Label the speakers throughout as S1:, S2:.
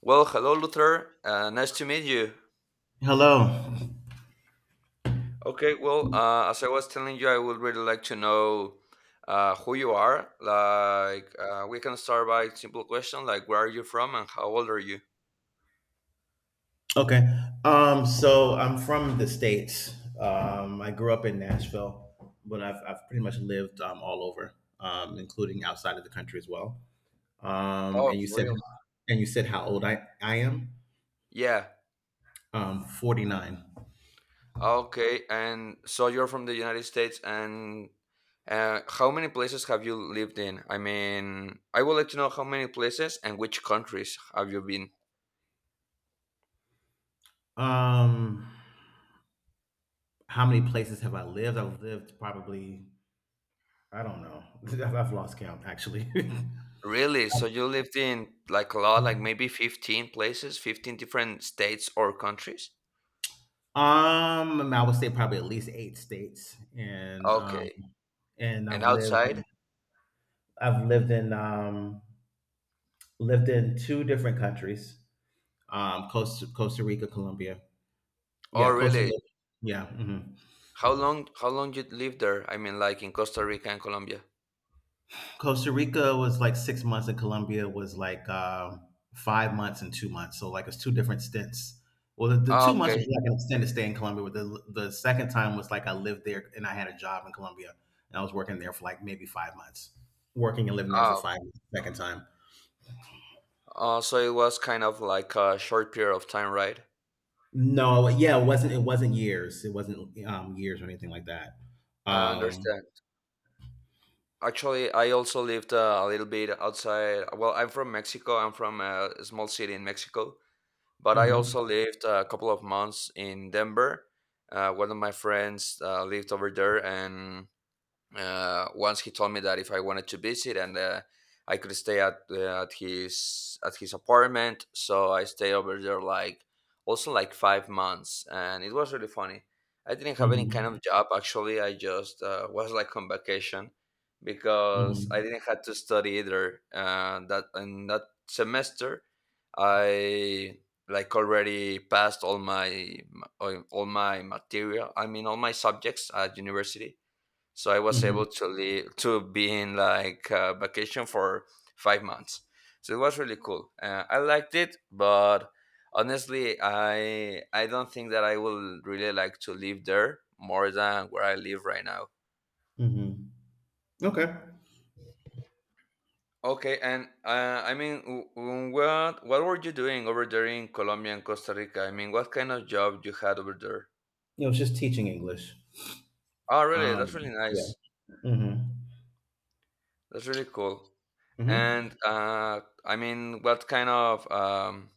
S1: Well, hello, Luther. Nice to meet you.
S2: Hello.
S1: Okay, well, as I was telling you, I would really like to know who you are. Like, we can start by simple question, like, where are you from and how old are you?
S2: Okay. So I'm from the States. I grew up in Nashville, but I've pretty much lived all over, including outside of the country as well. Um,
S1: Oh,
S2: and you
S1: for
S2: said,
S1: real?
S2: and you said how old I am?
S1: Yeah.
S2: 49.
S1: Okay, and so you're from the United States, and how many places have you lived in? I mean, I would like to know how many places and which countries have you been?
S2: Um, how many places have I lived? I've lived probably, I don't know. I've lost count actually.
S1: Really? So you lived in like a lot, like maybe 15 places, 15 different states or countries?
S2: I would say probably at least eight states
S1: Okay.
S2: and
S1: And outside?
S2: I've lived in lived in two different countries, Costa Rica, Colombia.
S1: Oh,
S2: Yeah, Costa Rica.
S1: really?
S2: Yeah, mhm.
S1: How long you lived there? I mean like in Costa Rica and Colombia.
S2: Costa Rica was like 6 months, and Colombia was like 5 months and 2 months. So like it's two different stints. Well, the
S1: Ah,
S2: 2 months was
S1: okay.
S2: like an extended stay in Colombia, but the second time was like I lived there and I had a job in Colombia, and I was working there for like maybe 5 months, working and living there for
S1: Oh,
S2: 5 months. The second time.
S1: so it was kind of like a short period of time, right?
S2: No, yeah, it wasn't years. It wasn't, years or anything like that.
S1: I
S2: Um
S1: understand. Actually, I also lived a little bit outside. Well, I'm from Mexico. I'm from a small city in Mexico. But I
S2: Mhm,
S1: also lived a couple of months in Denver. One of my friends lived over there, and once he told me that if I wanted to visit and I could stay at his apartment. So I stayed over there like also like 5 months, and it was really funny. I didn't have any kind
S2: mhm,
S1: of job actually. I just was like on vacation because I
S2: mhm,
S1: didn't have to study either. That in that semester, I like already passed all my material. I mean all my subjects at university, so I was
S2: mhm,
S1: able to leave to be in like vacation for 5 months, so it was really cool. I liked it, but honestly, I don't think that I will really like to live there more than where I live right now.
S2: mhm. Okay.
S1: Okay, and I mean, what were you doing over there in Colombia and Costa Rica? I mean, what kind of job you had over there?
S2: It was just teaching English.
S1: Oh really, that's really
S2: Yeah,
S1: nice.
S2: mhm,
S1: That's really cool.
S2: mhm.
S1: And I mean, what kind of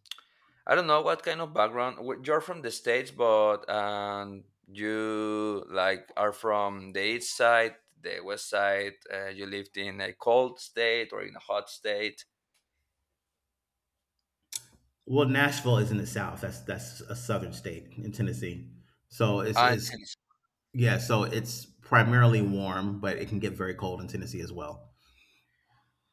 S1: I don't know what kind of background, you're from the States, but you like are from the east side, the west side. You lived in a cold state or in a hot state.
S2: Well, Nashville is in the South. That's a southern state in Tennessee. So
S1: Ah, in.
S2: it's yeah, so it's primarily warm, but it can get very cold in Tennessee as well.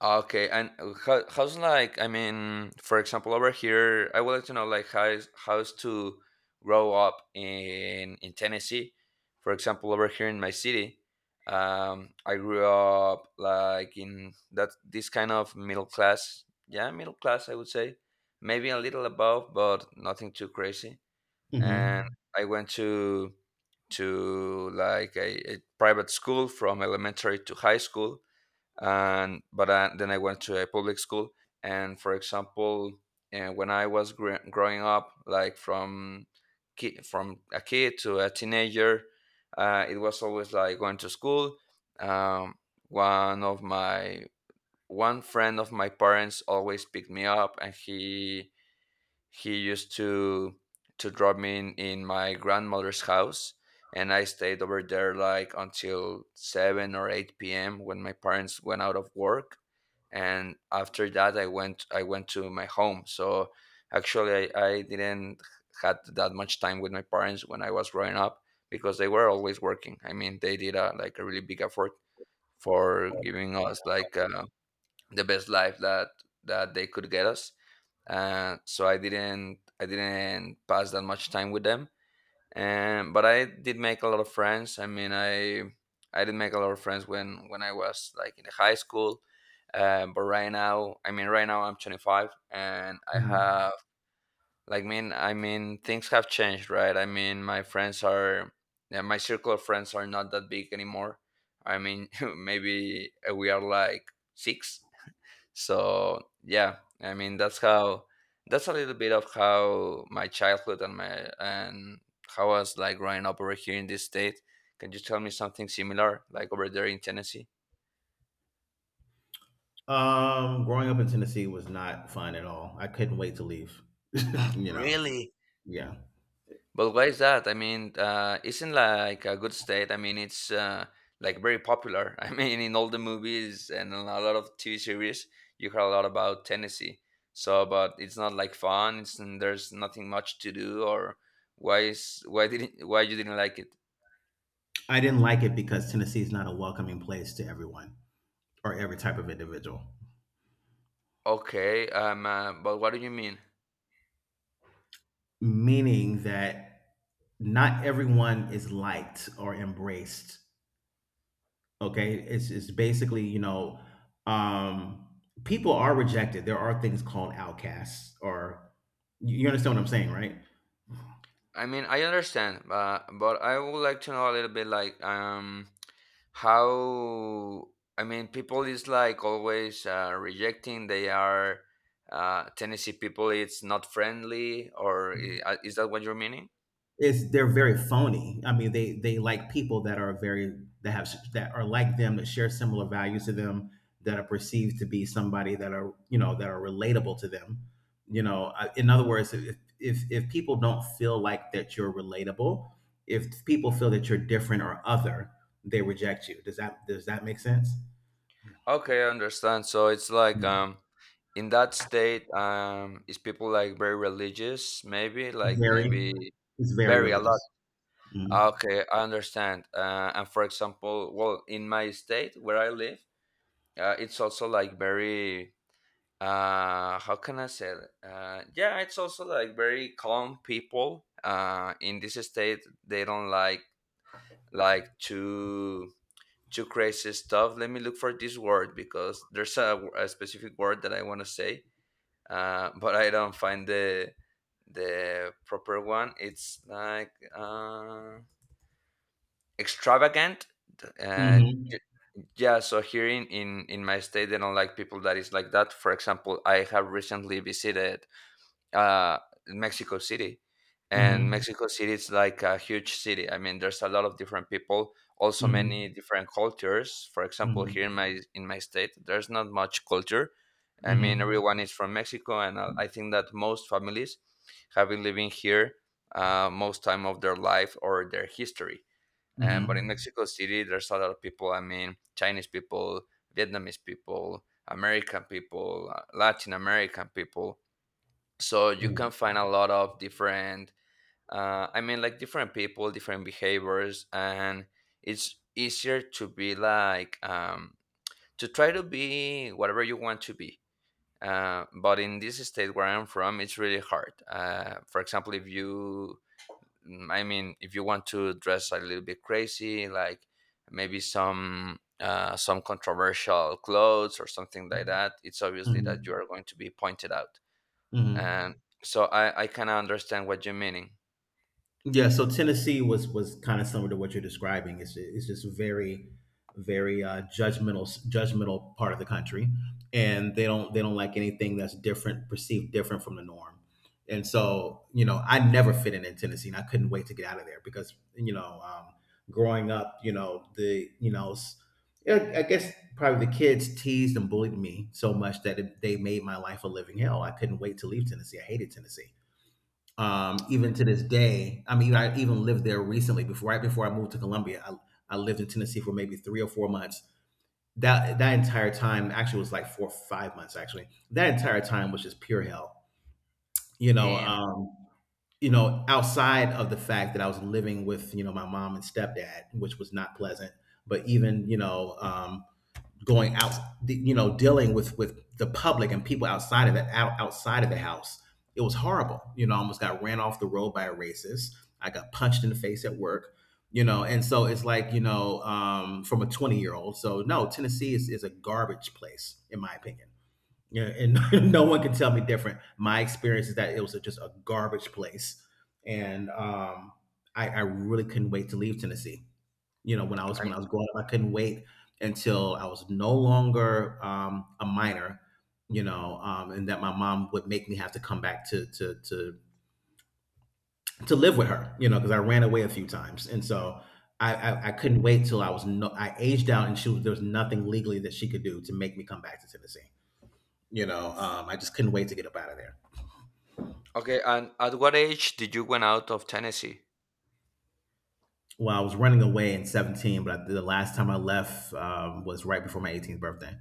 S1: Okay, and how's like, I mean, for example, over here, I would like to know like how is, how's to grow up in Tennessee. For example, over here in my city, I grew up like in that this kind of middle class, yeah, middle class, I would say, maybe a little above, but nothing too crazy. And
S2: Mhm,
S1: I went to like a private school from elementary to high school, and but I, then I went to a public school. And for example, and when I was growing up, like from from a kid to a teenager, it was always like going to school. Um, one of my one friend of my parents always picked me up, and he used to drop me in my grandmother's house, and I stayed over there like until seven or eight p.m. when my parents went out of work, and after that I went to my home. So actually, I didn't had that much time with my parents when I was growing up, because they were always working. I mean, they did a, like a really big effort for giving us like the best life that they could get us. So I didn't pass that much time with them. And but I did make a lot of friends. I mean, I did make a lot of friends when I was like in the high school. But right now, I mean, right now I'm 25, and I
S2: mhm.
S1: have like mean I mean things have changed, right? I mean, my friends are, yeah, my circle of friends are not that big anymore. I mean, maybe we are like six. So yeah, I mean, that's how, that's a little bit of how my childhood and my and how I was like growing up over here in this state. Can you tell me something similar, like over there in Tennessee?
S2: Growing up in Tennessee was not fun at all. I couldn't wait to leave. You know?
S1: Really?
S2: Yeah.
S1: But why is that? I mean, isn't like a good state? I mean, it's like very popular. I mean, in all the movies and in a lot of TV series, you hear a lot about Tennessee. So, but it's not like fun. It's, and there's nothing much to do. Or why is why you didn't like it?
S2: I didn't like it because Tennessee is not a welcoming place to everyone or every type of individual,
S1: Okay, but what do you mean?
S2: meaning that not everyone is liked or embraced, okay? It's basically, you know, um, people are rejected. There are things called outcasts or you understand what I'm saying, right?
S1: I mean, I understand, but I would like to know a little bit like, how, I mean, people is like always rejecting they are, Tennessee people. It's not friendly, or is that what you're meaning?
S2: It's they're very phony. I mean, they like people that are very that are like them, that share similar values to them, that are perceived to be somebody that are you know that are relatable to them. You know, in other words, if people don't feel like that you're relatable, if people feel that you're different or other, they reject you. Does that make sense?
S1: Okay, I understand. So it's like,
S2: Yeah.
S1: in that state, is people like very religious, maybe like
S2: Very,
S1: maybe
S2: it's very
S1: very a lot.
S2: religious. Mm-hmm.
S1: Okay, I understand. And for example, well, in my state where I live, it's also like very, how can I say it? Yeah, it's also like very calm people. In this state, they don't like like too too crazy stuff. Let me look for this word because there's a, a specific word that I want to say, but I don't find the proper one. It's like. Extravagant. Uh,
S2: Mm-hmm.
S1: y- yeah, so here in, in my state, they don't like people that is like that. For example, I have recently visited uh, Mexico City, and
S2: Mm-hmm.
S1: Mexico City is like a huge city. I mean, there's a lot of different people, also
S2: Mhm.
S1: many different cultures. For example, here
S2: Mhm.
S1: in my state, there's not much culture. I mean,
S2: Mhm.
S1: everyone is from Mexico, and I think that most families have been living here, most time of their life or their history, but
S2: Mhm.
S1: in Mexico City, there's a lot of people. I mean, Chinese people, Vietnamese people, American people, Latin American people. So you
S2: Mhm.
S1: can find a lot of different. I mean, like different people, different behaviors, and it's easier to be like, to try to be whatever you want to be. But in this state where I'm from, it's really hard. For example, if you. Mm, I mean, if you want to dress a little bit crazy, like maybe some controversial clothes or something like that, it's obviously that you
S2: Mhm.
S1: are going to be pointed out. And
S2: Mhm.
S1: so I kind of understand what you're meaning.
S2: Yeah, so Tennessee was kind of similar to what you're describing. It's just very, very judgmental part of the country, and they don't like anything that's different, perceived different from the norm. And so, you know, I never fit in Tennessee, and I couldn't wait to get out of there because you know, growing up, you know, the you know, s- I guess probably the kids teased and bullied me so much that they made my life a living hell. I couldn't wait to leave Tennessee. I hated Tennessee even to this day. I mean, I even lived there recently. Before, right before I moved to Columbia, I lived in Tennessee for maybe 3 or 4 months. That entire time, actually, was like 4 or 5 months. Actually, that entire time was just pure hell. You know,
S1: Damn.
S2: um, you know, outside of the fact that I was living with you know my mom and stepdad, which was not pleasant. But even you know, going out, you know, dealing with the public and people outside of the outside of the house. It was horrible. You know, I almost got ran off the road by a racist. I got punched in the face at work. You know, and so it's like you know, from a 20-year old. So no, Tennessee is a garbage place in my opinion. You know, and no one can tell me different. My experience is that it was just a garbage place, and I really couldn't wait to leave Tennessee. You know, when I was when
S1: I'm-
S2: I was growing up, I couldn't wait until I was no longer a minor, you know, and that my mom would make me have to come back to live with her, you know, because I ran away a few times, and so I couldn't wait till I was no I aged out, and there was nothing legally that she could do to make me come back to Tennessee. You know, I just couldn't wait to get up out of there.
S1: okay, and at what age did you went out of Tennessee?
S2: Well, I was running away in 17, but the last time I left was right before my 18th birthday.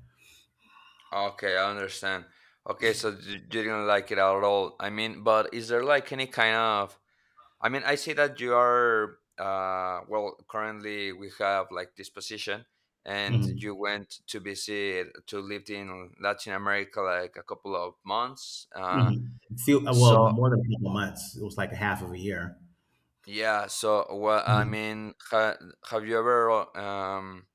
S1: Okay, I understand. Okay, so you didn't like it at all. I mean, but is there like any kind of, I mean, I see that you are, well, currently we have like this position, and
S2: Mhm.
S1: you went to visit to lived in Latin America like a couple of months. Uh,
S2: Mhm. Few
S1: so
S2: well, more than a couple months. It was like a half of a year.
S1: yeah, so well, I mean, ha have you ever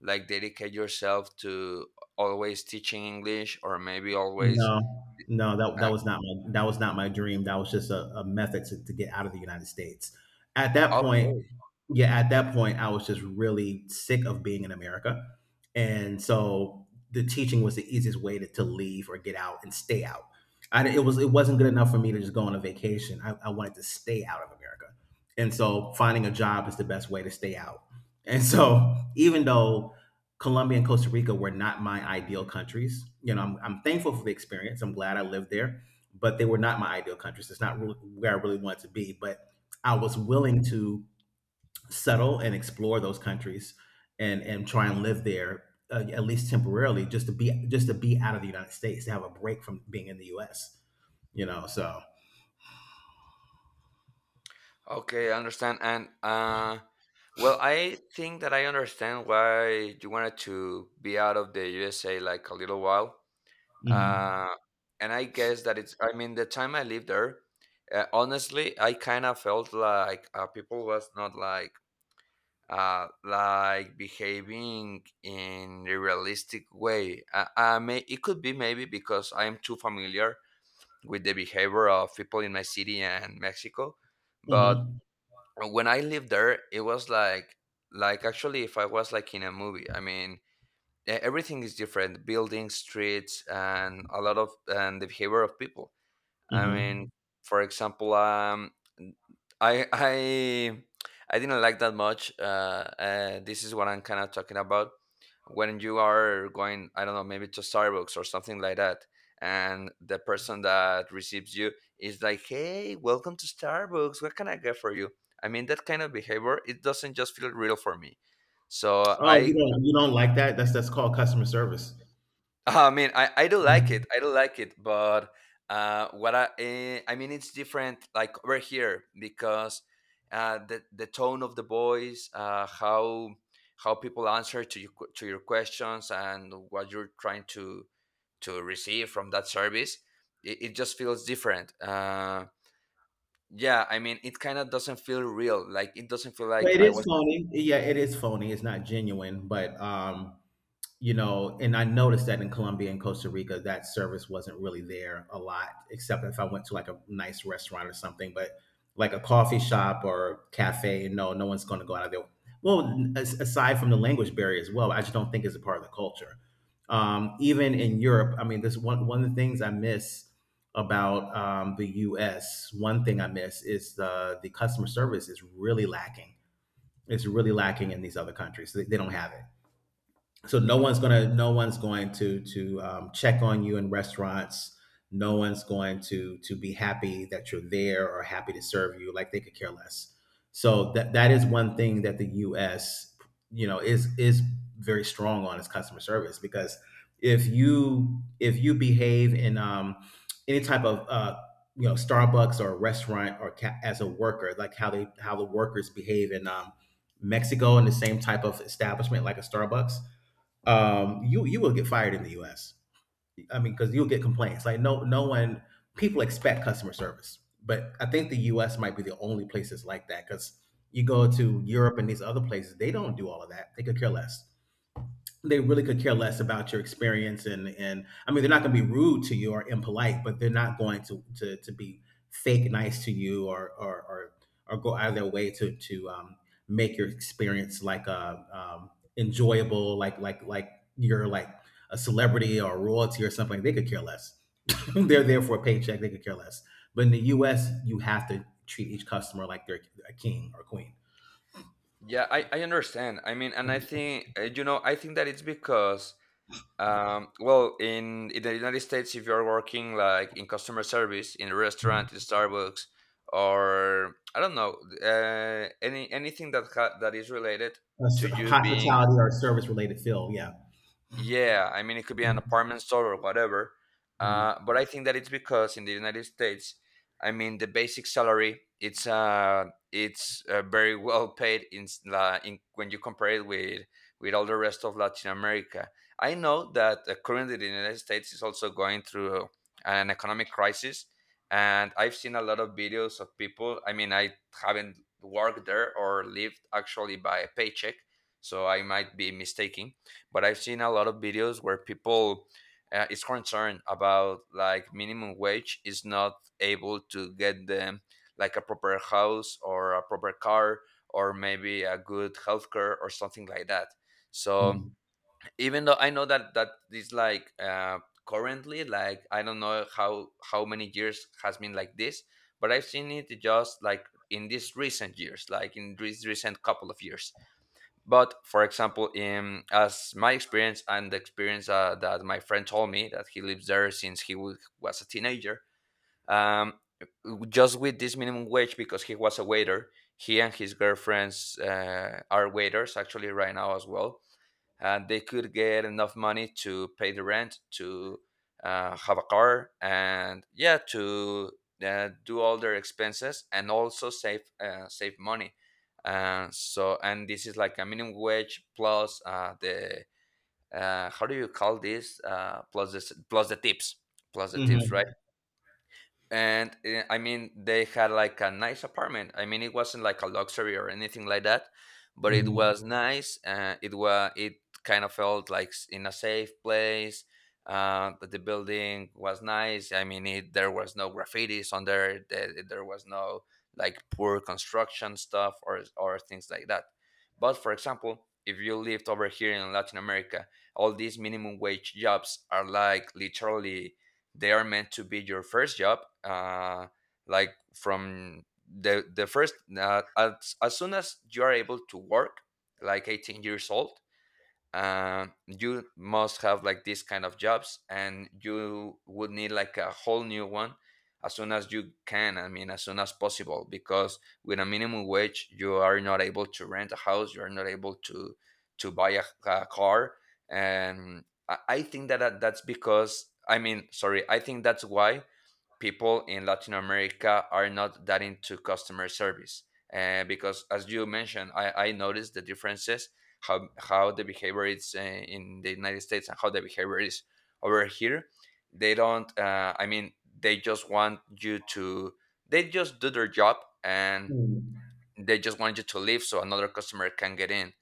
S1: like dedicate yourself to always teaching English or maybe always?
S2: No, no, that
S1: Uh,
S2: that was not my dream. That was just a method to get out of the United States. At that point,
S1: okay,
S2: yeah, at that point, I was just really sick of being in America, and so the teaching was the easiest way to leave or get out and stay out. It was it wasn't good enough for me to just go on a vacation. I wanted to stay out of America, and so finding a job is the best way to stay out. And so even though Colombia and Costa Rica were not my ideal countries. You know, I'm thankful for the experience. I'm glad I lived there, but they were not my ideal countries. It's not really where I really wanted to be, but I was willing to settle and explore those countries and try and live there at least temporarily, just to be out of the United States, to have a break from being in the U.S. You know, so.
S1: Okay, I understand. And well, I think that I understand why you wanted to be out of the USA like a little while.
S2: Hmm.
S1: Uh, and I guess that it's, I mean, the time I lived there, honestly, I kind of felt like people was not like, like behaving in a realistic way. May, it could be maybe because I'm too familiar with the behavior of people in my city and Mexico, but
S2: Hmm.
S1: and when I lived there, it was like actually if I was like in a movie. I mean, everything is different: buildings, streets, and a lot of and the behavior of people. I mean,
S2: Hmm.
S1: for example, I I I I didn't like that much. This is what I'm kind of talking about. When you are going, I don't know, maybe to Starbucks or something like that, and the person that receives you is like, "Hey, welcome to Starbucks. What can I get for you?" I mean, that kind of behavior it doesn't just feel real for me. So
S2: Oh, you
S1: I.
S2: don't you don't like that? That's called customer service.
S1: I mean, I do like it. I do like it, but I mean, it's different. Like over here, because the tone of the voice, how people answer to your to your questions, and what you're trying to receive from that service, it just feels different. Yeah, I mean, it kind of doesn't feel real. Like it doesn't feel
S2: Well,
S1: like
S2: it
S1: I
S2: is
S1: was.
S2: phony. Yeah, it is phony. It's not genuine, but you know, and I noticed that in Colombia and Costa Rica, that service wasn't really there a lot, except if I went to like a nice restaurant or something. But like a coffee shop or cafe, no, no one's going to go out of there. Well, as, aside from the language barrier as well, I just don't think it's a part of the culture. Even in Europe, I mean, this one of the things I miss about the U.S. One thing I miss is the customer service is really lacking. It's really lacking in these other countries. They don't have it. So no one's going to check on you in restaurants. No one's going to be happy that you're there or happy to serve you. Like they could care less. So that is one thing that the US you know is very strong on is customer service. Because if you behave in any type of you know Starbucks or restaurant or as a worker, like how the workers behave in Mexico in the same type of establishment like a Starbucks, you will get fired in the U.S. I mean, because you'll get complaints. Like no one, people expect customer service, but I think the U.S. might be the only place that's like that. Because you go to Europe and these other places, they don't do all of that. They could care less. They really could care less about your experience. And I mean they're not going to be rude to you or impolite, but they're not going to be fake nice to you, or go out of their way to make your experience like enjoyable, like you're like a celebrity or royalty or something. They could care less. they're there for a paycheck. They could care less. But in the U.S., you have to treat each customer like they're a king or queen.
S1: Yeah, I understand. I mean, and I think, I think that it's because in the United States, if you're working like in customer service in a restaurant, in Starbucks, or I don't know, anything that that is related
S2: A
S1: to you being
S2: hospitality or service related field. Yeah.
S1: yeah, I mean, it could be an apartment store or whatever.
S2: Mm,
S1: But I think that it's because in the United States, I mean, the basic salary it's very well paid in when you compare it with all the rest of Latin America. I know that currently the United States is also going through an economic crisis, and I've seen a lot of videos of people. I mean, I haven't worked there or lived actually by a paycheck, so I might be mistaken but I've seen a lot of videos where people is concerned about like minimum wage is not able to get them like a proper house or a proper car or maybe a good healthcare or something like that. So
S2: mm.
S1: even though I know that that is like currently like I don't know how many years has been like this, but I've seen it just like in these recent years, like in these recent couple of years. But for example, in as my experience and the experience that my friend told me that he lives there since was a teenager, um, just with this minimum wage because he was a waiter, he and his girlfriends are waiters actually right now as well and they could get enough money to pay the rent, to have a car, and yeah, to do all their expenses and also save save money. And this is like a minimum wage plus the how do you call this? Plus this plus the tips, right?
S2: Mm-hmm.
S1: And I mean they had like a nice apartment. I mean it wasn't like a luxury or anything like that but it was nice. It kind of felt like in a safe place. But the building was nice. I mean it, there was no graffitis on there was no like poor construction stuff or things like that. But for example, if you lived over here in Latin America, all these minimum wage jobs are like literally they are meant to be your first job, like from the first, as soon as you are able to work, like 18 years old. You must have like this kind of jobs and you would need like a whole new one as soon as you can. I mean, as soon as possible, because with a minimum wage you are not able to rent a house, you are not able to buy a car. And I think that that's because, I mean, sorry, I think that's why people in Latin America are not that into customer service. Because as you mentioned, I noticed the differences how the behavior is in the United States and how the behavior is over here. They don't. I mean, they just want you to. They just do their job and
S2: Mm-hmm.
S1: they just want you to leave so another customer can get in.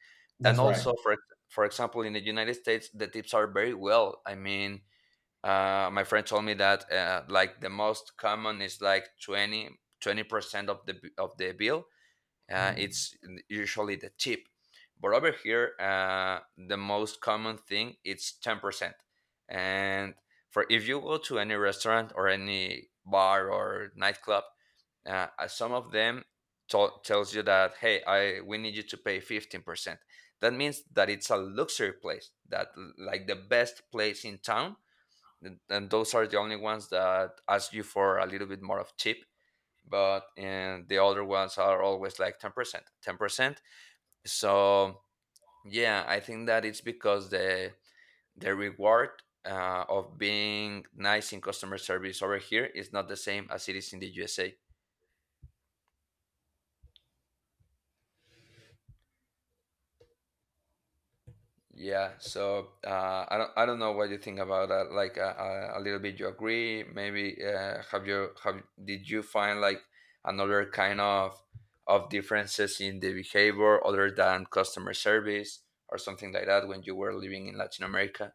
S1: And
S2: That's right.
S1: also, for example, in the United States, the tips are very well. I mean, my friend told me that like the most common is like 20% of of the bill,
S2: Mhm.
S1: it's usually the tip, but over here, the most common thing it's 10%. And for if you go to any restaurant or any bar or nightclub, some of them tells you that, hey, I we need you to pay 15%. That means that it's a luxury place, that like the best place in town, and those are the only ones that ask you for a little bit more of tip. But and the other ones are always like 10%, 10%. So yeah, I think that it's because the reward of being nice in customer service over here is not the same as it is in the USA. Yeah, so I don't know what you think about that. Like a little bit, you agree? Maybe have you have did you find like another kind of differences in the behavior other than customer service or something like that when you were living in Latin America?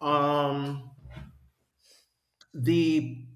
S2: Um, the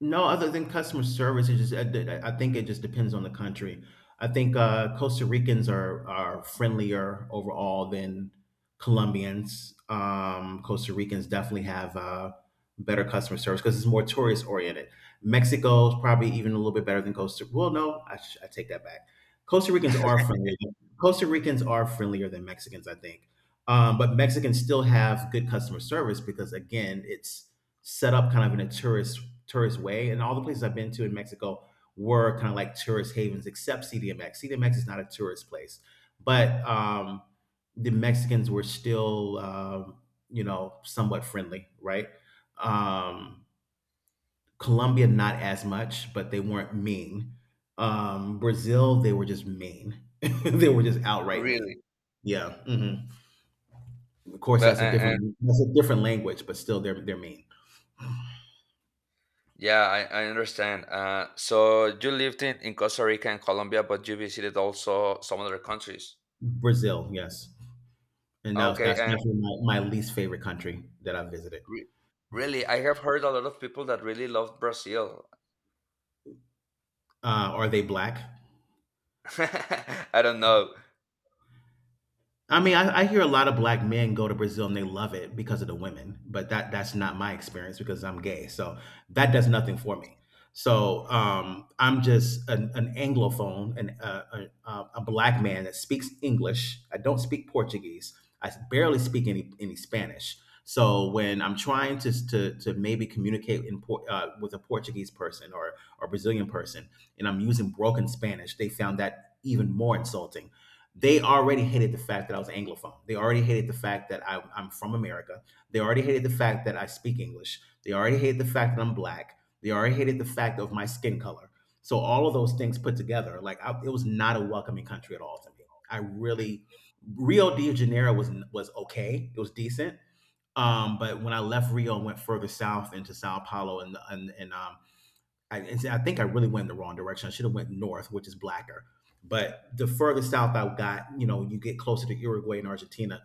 S2: No, other than customer service, it just I think it just depends on the country. I think Costa Ricans are friendlier overall than Colombians. Costa Ricans definitely have better customer service because it's more tourist oriented. Mexico is probably even a little bit better than Costa. Well, no, I take that back. Costa Ricans are friendly. Costa Ricans are friendlier than Mexicans, I think. But Mexicans still have good customer service because again, it's set up kind of in a tourist way. And all the places I've been to in Mexico were kind of like tourist havens, except CDMX. CDMX is not a tourist place, but the Mexicans were still, somewhat friendly, right? Um, Colombia, not as much, but they weren't mean. Brazil, they were just mean. They were just outright
S1: Really?
S2: mean. Yeah. Mhm. Of course,
S1: But and
S2: that's a different language, but still, they're mean.
S1: yeah, I understand. So you lived in Costa Rica and Colombia, but you visited also some other countries.
S2: Brazil, yes. And
S1: Okay,
S2: that's
S1: and
S2: definitely my least favorite country that I've visited.
S1: Re- Really, I have heard a lot of people that really loved Brazil.
S2: Are they black?
S1: I don't know.
S2: I mean, I hear a lot of black men go to Brazil and they love it because of the women, but that's not my experience because I'm gay. So that does nothing for me. So I'm just an anglophone and a black man that speaks English. I don't speak Portuguese. I barely speak any Spanish. So when I'm trying to to maybe communicate in with a Portuguese person or Brazilian person, and I'm using broken Spanish, they found that even more insulting. They already hated the fact that I was Anglophone. They already hated the fact that I'm from America. They already hated the fact that I speak English. They already hated the fact that I'm black. They already hated the fact of my skin color. So all of those things put together, it was not a welcoming country at all to me. I really, Rio de Janeiro was okay. It was decent. But when I left Rio and went further south into Sao Paulo and and see, I think I really went in the wrong direction. I should have went north, which is blacker. But the further south I got, you know, you get closer to Uruguay and Argentina.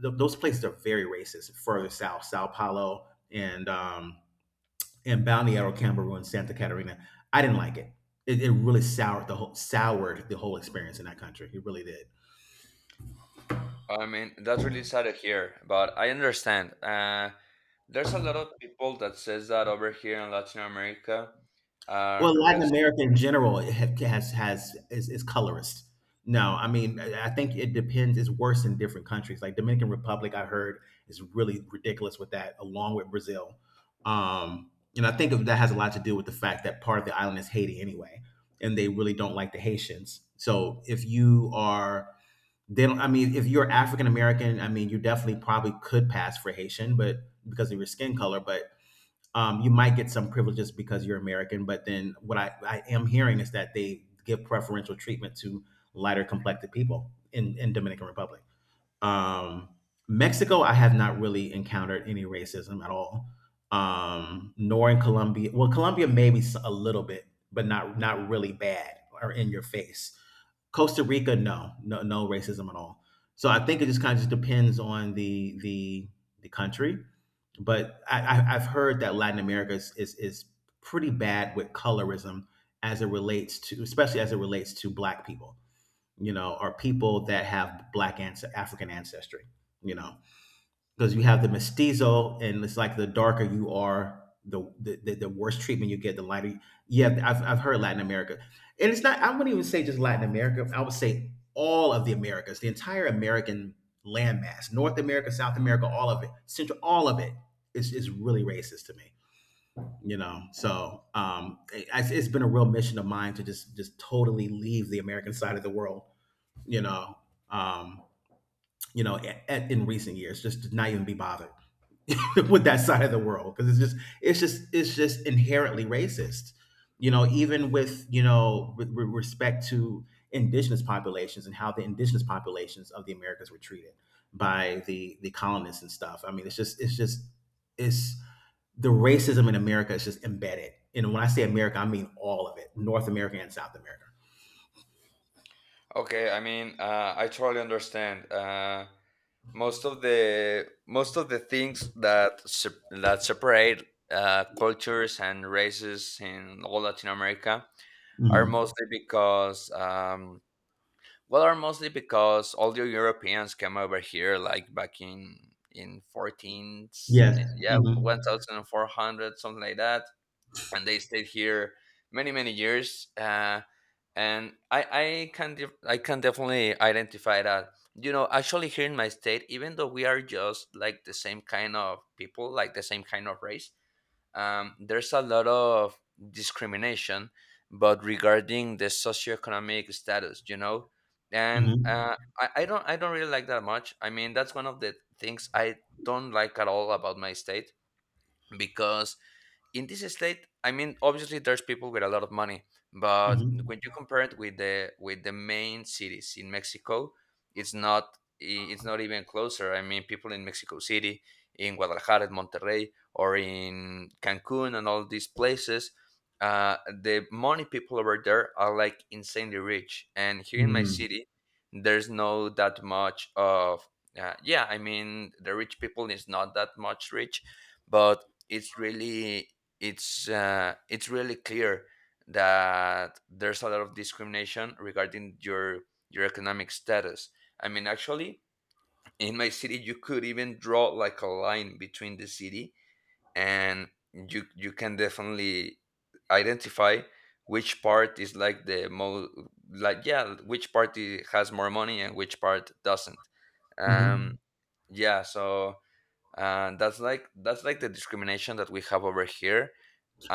S2: Th- those places are very racist. Further south, Sao Paulo and and Balneario and Santa Catarina. I didn't like it. It really soured the whole experience in that country. It really did.
S1: I mean, that's really sad to hear, but I understand. There's a lot of people that says that over here in Latin America.
S2: Well, Latin
S1: Rest.
S2: America in general is colorist. No, I mean I think it depends. It's worse in different countries. Like Dominican Republic, I heard is really ridiculous with that, along with Brazil. And I think that has a lot to do with the fact that part of the island is Haiti anyway, and they really don't like the Haitians. So if you are, they don't. I mean, if you're African American, I mean, you definitely probably could pass for Haitian, but because of your skin color, but you might get some privileges because you're American, but then what I am hearing is that they give preferential treatment to lighter complected people in Dominican Republic. Um, Mexico, I have not really encountered any racism at all, nor in Colombia. Well, Colombia maybe a little bit, but not really bad or in your face. Costa Rica, no, no, no racism at all. So I think it just kind of just depends on the country, but I've heard that Latin America is pretty bad with colorism as it relates to, especially as it relates to Black people, you know, or people that have African ancestry, you know, because you have the mestizo, and it's like the darker you are, the worse treatment you get, the lighter. You, yeah, I've heard Latin America, and it's not. I wouldn't even say just Latin America. I would say all of the Americas, the entire American landmass, North America, South America, all of it, Central, all of it is really racist to me. You know, so it's been a real mission of mine to just totally leave the American side of the world. You know, um, you know, in recent years, just to not even be bothered with that side of the world because it's just inherently racist, you know, even with, you know, with respect to indigenous populations and how the indigenous populations of the americas were treated by the colonists and stuff. I mean, it's, the racism in america is just embedded, and when I say america I mean all of it, north america and south america.
S1: Okay, I mean, I totally understand. Most of the things that that separate cultures and races in all Latin America are
S2: Hmm.
S1: mostly because are mostly because all the Europeans came over here, like back in fourteen,
S2: Yes.
S1: yeah,
S2: Hmm.
S1: 1,400, something like that, and they stayed here many many years. And I can definitely identify that. You know, actually here in my state, even though we are just like the same kind of people, like the same kind of race, there's a lot of discrimination, but regarding the socioeconomic status, you know. And
S2: Hmm.
S1: I don't really like that much. I mean, that's one of the things I don't like at all about my state because in this state, I mean obviously there's people with a lot of money, but when
S2: Hmm.
S1: you compare it with the main cities in Mexico, it's not, it's not even closer. I mean, people in Mexico City, in Guadalajara, in Monterrey, or in Cancun and all these places, the money people over there are like insanely rich, and here in my
S2: Hmm.
S1: city there's no that much of, yeah, I mean the rich people is not that much rich, but it's really, it's really clear that there's a lot of discrimination regarding your economic status. I mean, actually, in my city, you could even draw like a line between the city, and you can definitely identify which part is like the most, like yeah, which party has more money and which part doesn't. Um,
S2: Hmm.
S1: yeah, so that's like the discrimination that we have over here.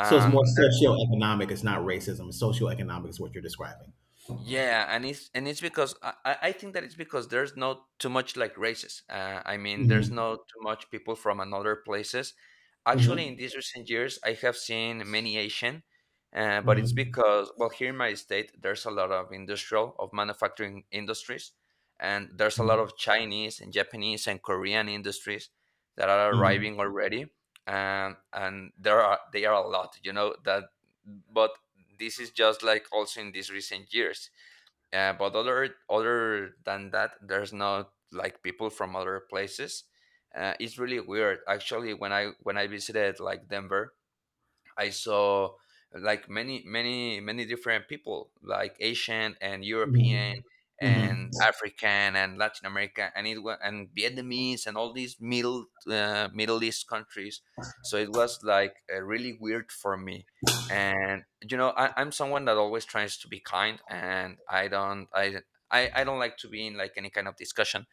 S2: So it's more socioeconomic. It's not racism. It's socioeconomic is what you're describing.
S1: Yeah, and it's because I think that it's because there's not too much like races. I mean, there's
S2: Mhm,
S1: not too much people from another places. Actually, in
S2: mhm,
S1: these recent years, I have seen many Asian, but it's
S2: mhm,
S1: because well, here in my state, there's a lot of industrial of manufacturing industries, and there's a lot
S2: mhm,
S1: of Chinese and Japanese and Korean industries that are
S2: mhm,
S1: arriving already, and there are they are a lot, you know that, but this is just like also in these recent years. But other than that, there's not like people from other places. It's really weird. Actually, when I visited like Denver, I saw like many, many, many different people, like Asian and European
S2: mhm, mhm.
S1: and African and Latin America, and it was and Vietnamese and all these middle, Middle East countries. So it was like really weird for me. And you know, I'm someone that always tries to be kind, and I don't, I don't like to be in like any kind of discussion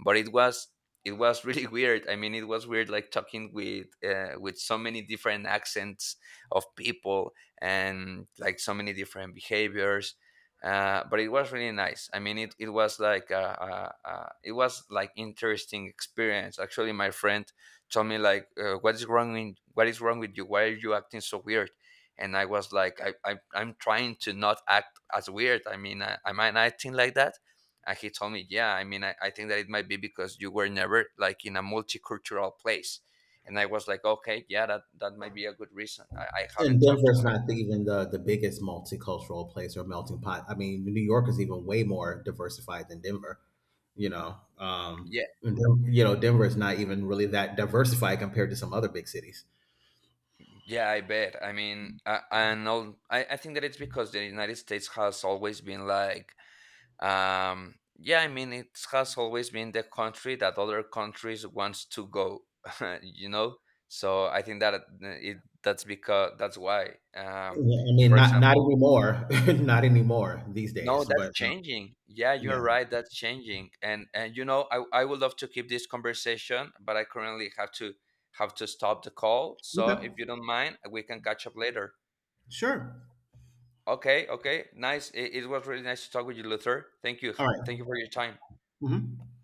S1: but it was really weird. I mean, it was weird like talking with so many different accents of people and like so many different behaviors. But it was really nice. I mean, it was like a, it was like interesting experience. Actually, my friend told me like, "What is wrong in, what is wrong with you? Why are you acting so weird?" And I was like, I'm trying to not act as weird. I mean, I, am I acting like that? And he told me yeah, I mean I think that it might be because you were never like in a multicultural place. And I was like, okay, yeah, that that might be a good reason. I
S2: And
S1: haven't talked to
S2: Denver's not even the biggest multicultural place or melting pot. I mean, New York is even way more diversified than Denver. You know,
S1: him.
S2: and you know, Denver is not even really that diversified compared to some other big cities.
S1: Yeah, yeah, I bet. I mean, I think that it's because the United States has always been like, yeah, I mean it has always been the country that other countries wants to go. You know, so I think that that's because that's why
S2: Yeah, I mean,
S1: for
S2: not not
S1: example.
S2: anymore, not anymore these
S1: No,
S2: days.
S1: that's
S2: But
S1: changing. Yeah,
S2: yeah.
S1: you're right. That's changing. And you know, I would love to keep this conversation, but I currently have to stop the call. So
S2: Okay.
S1: if you don't mind, we can catch up later.
S2: Sure.
S1: Okay, okay. Nice. It was really nice to talk with you, Luther. Thank you.
S2: All right.
S1: Thank you for your time.
S2: Mm-hmm.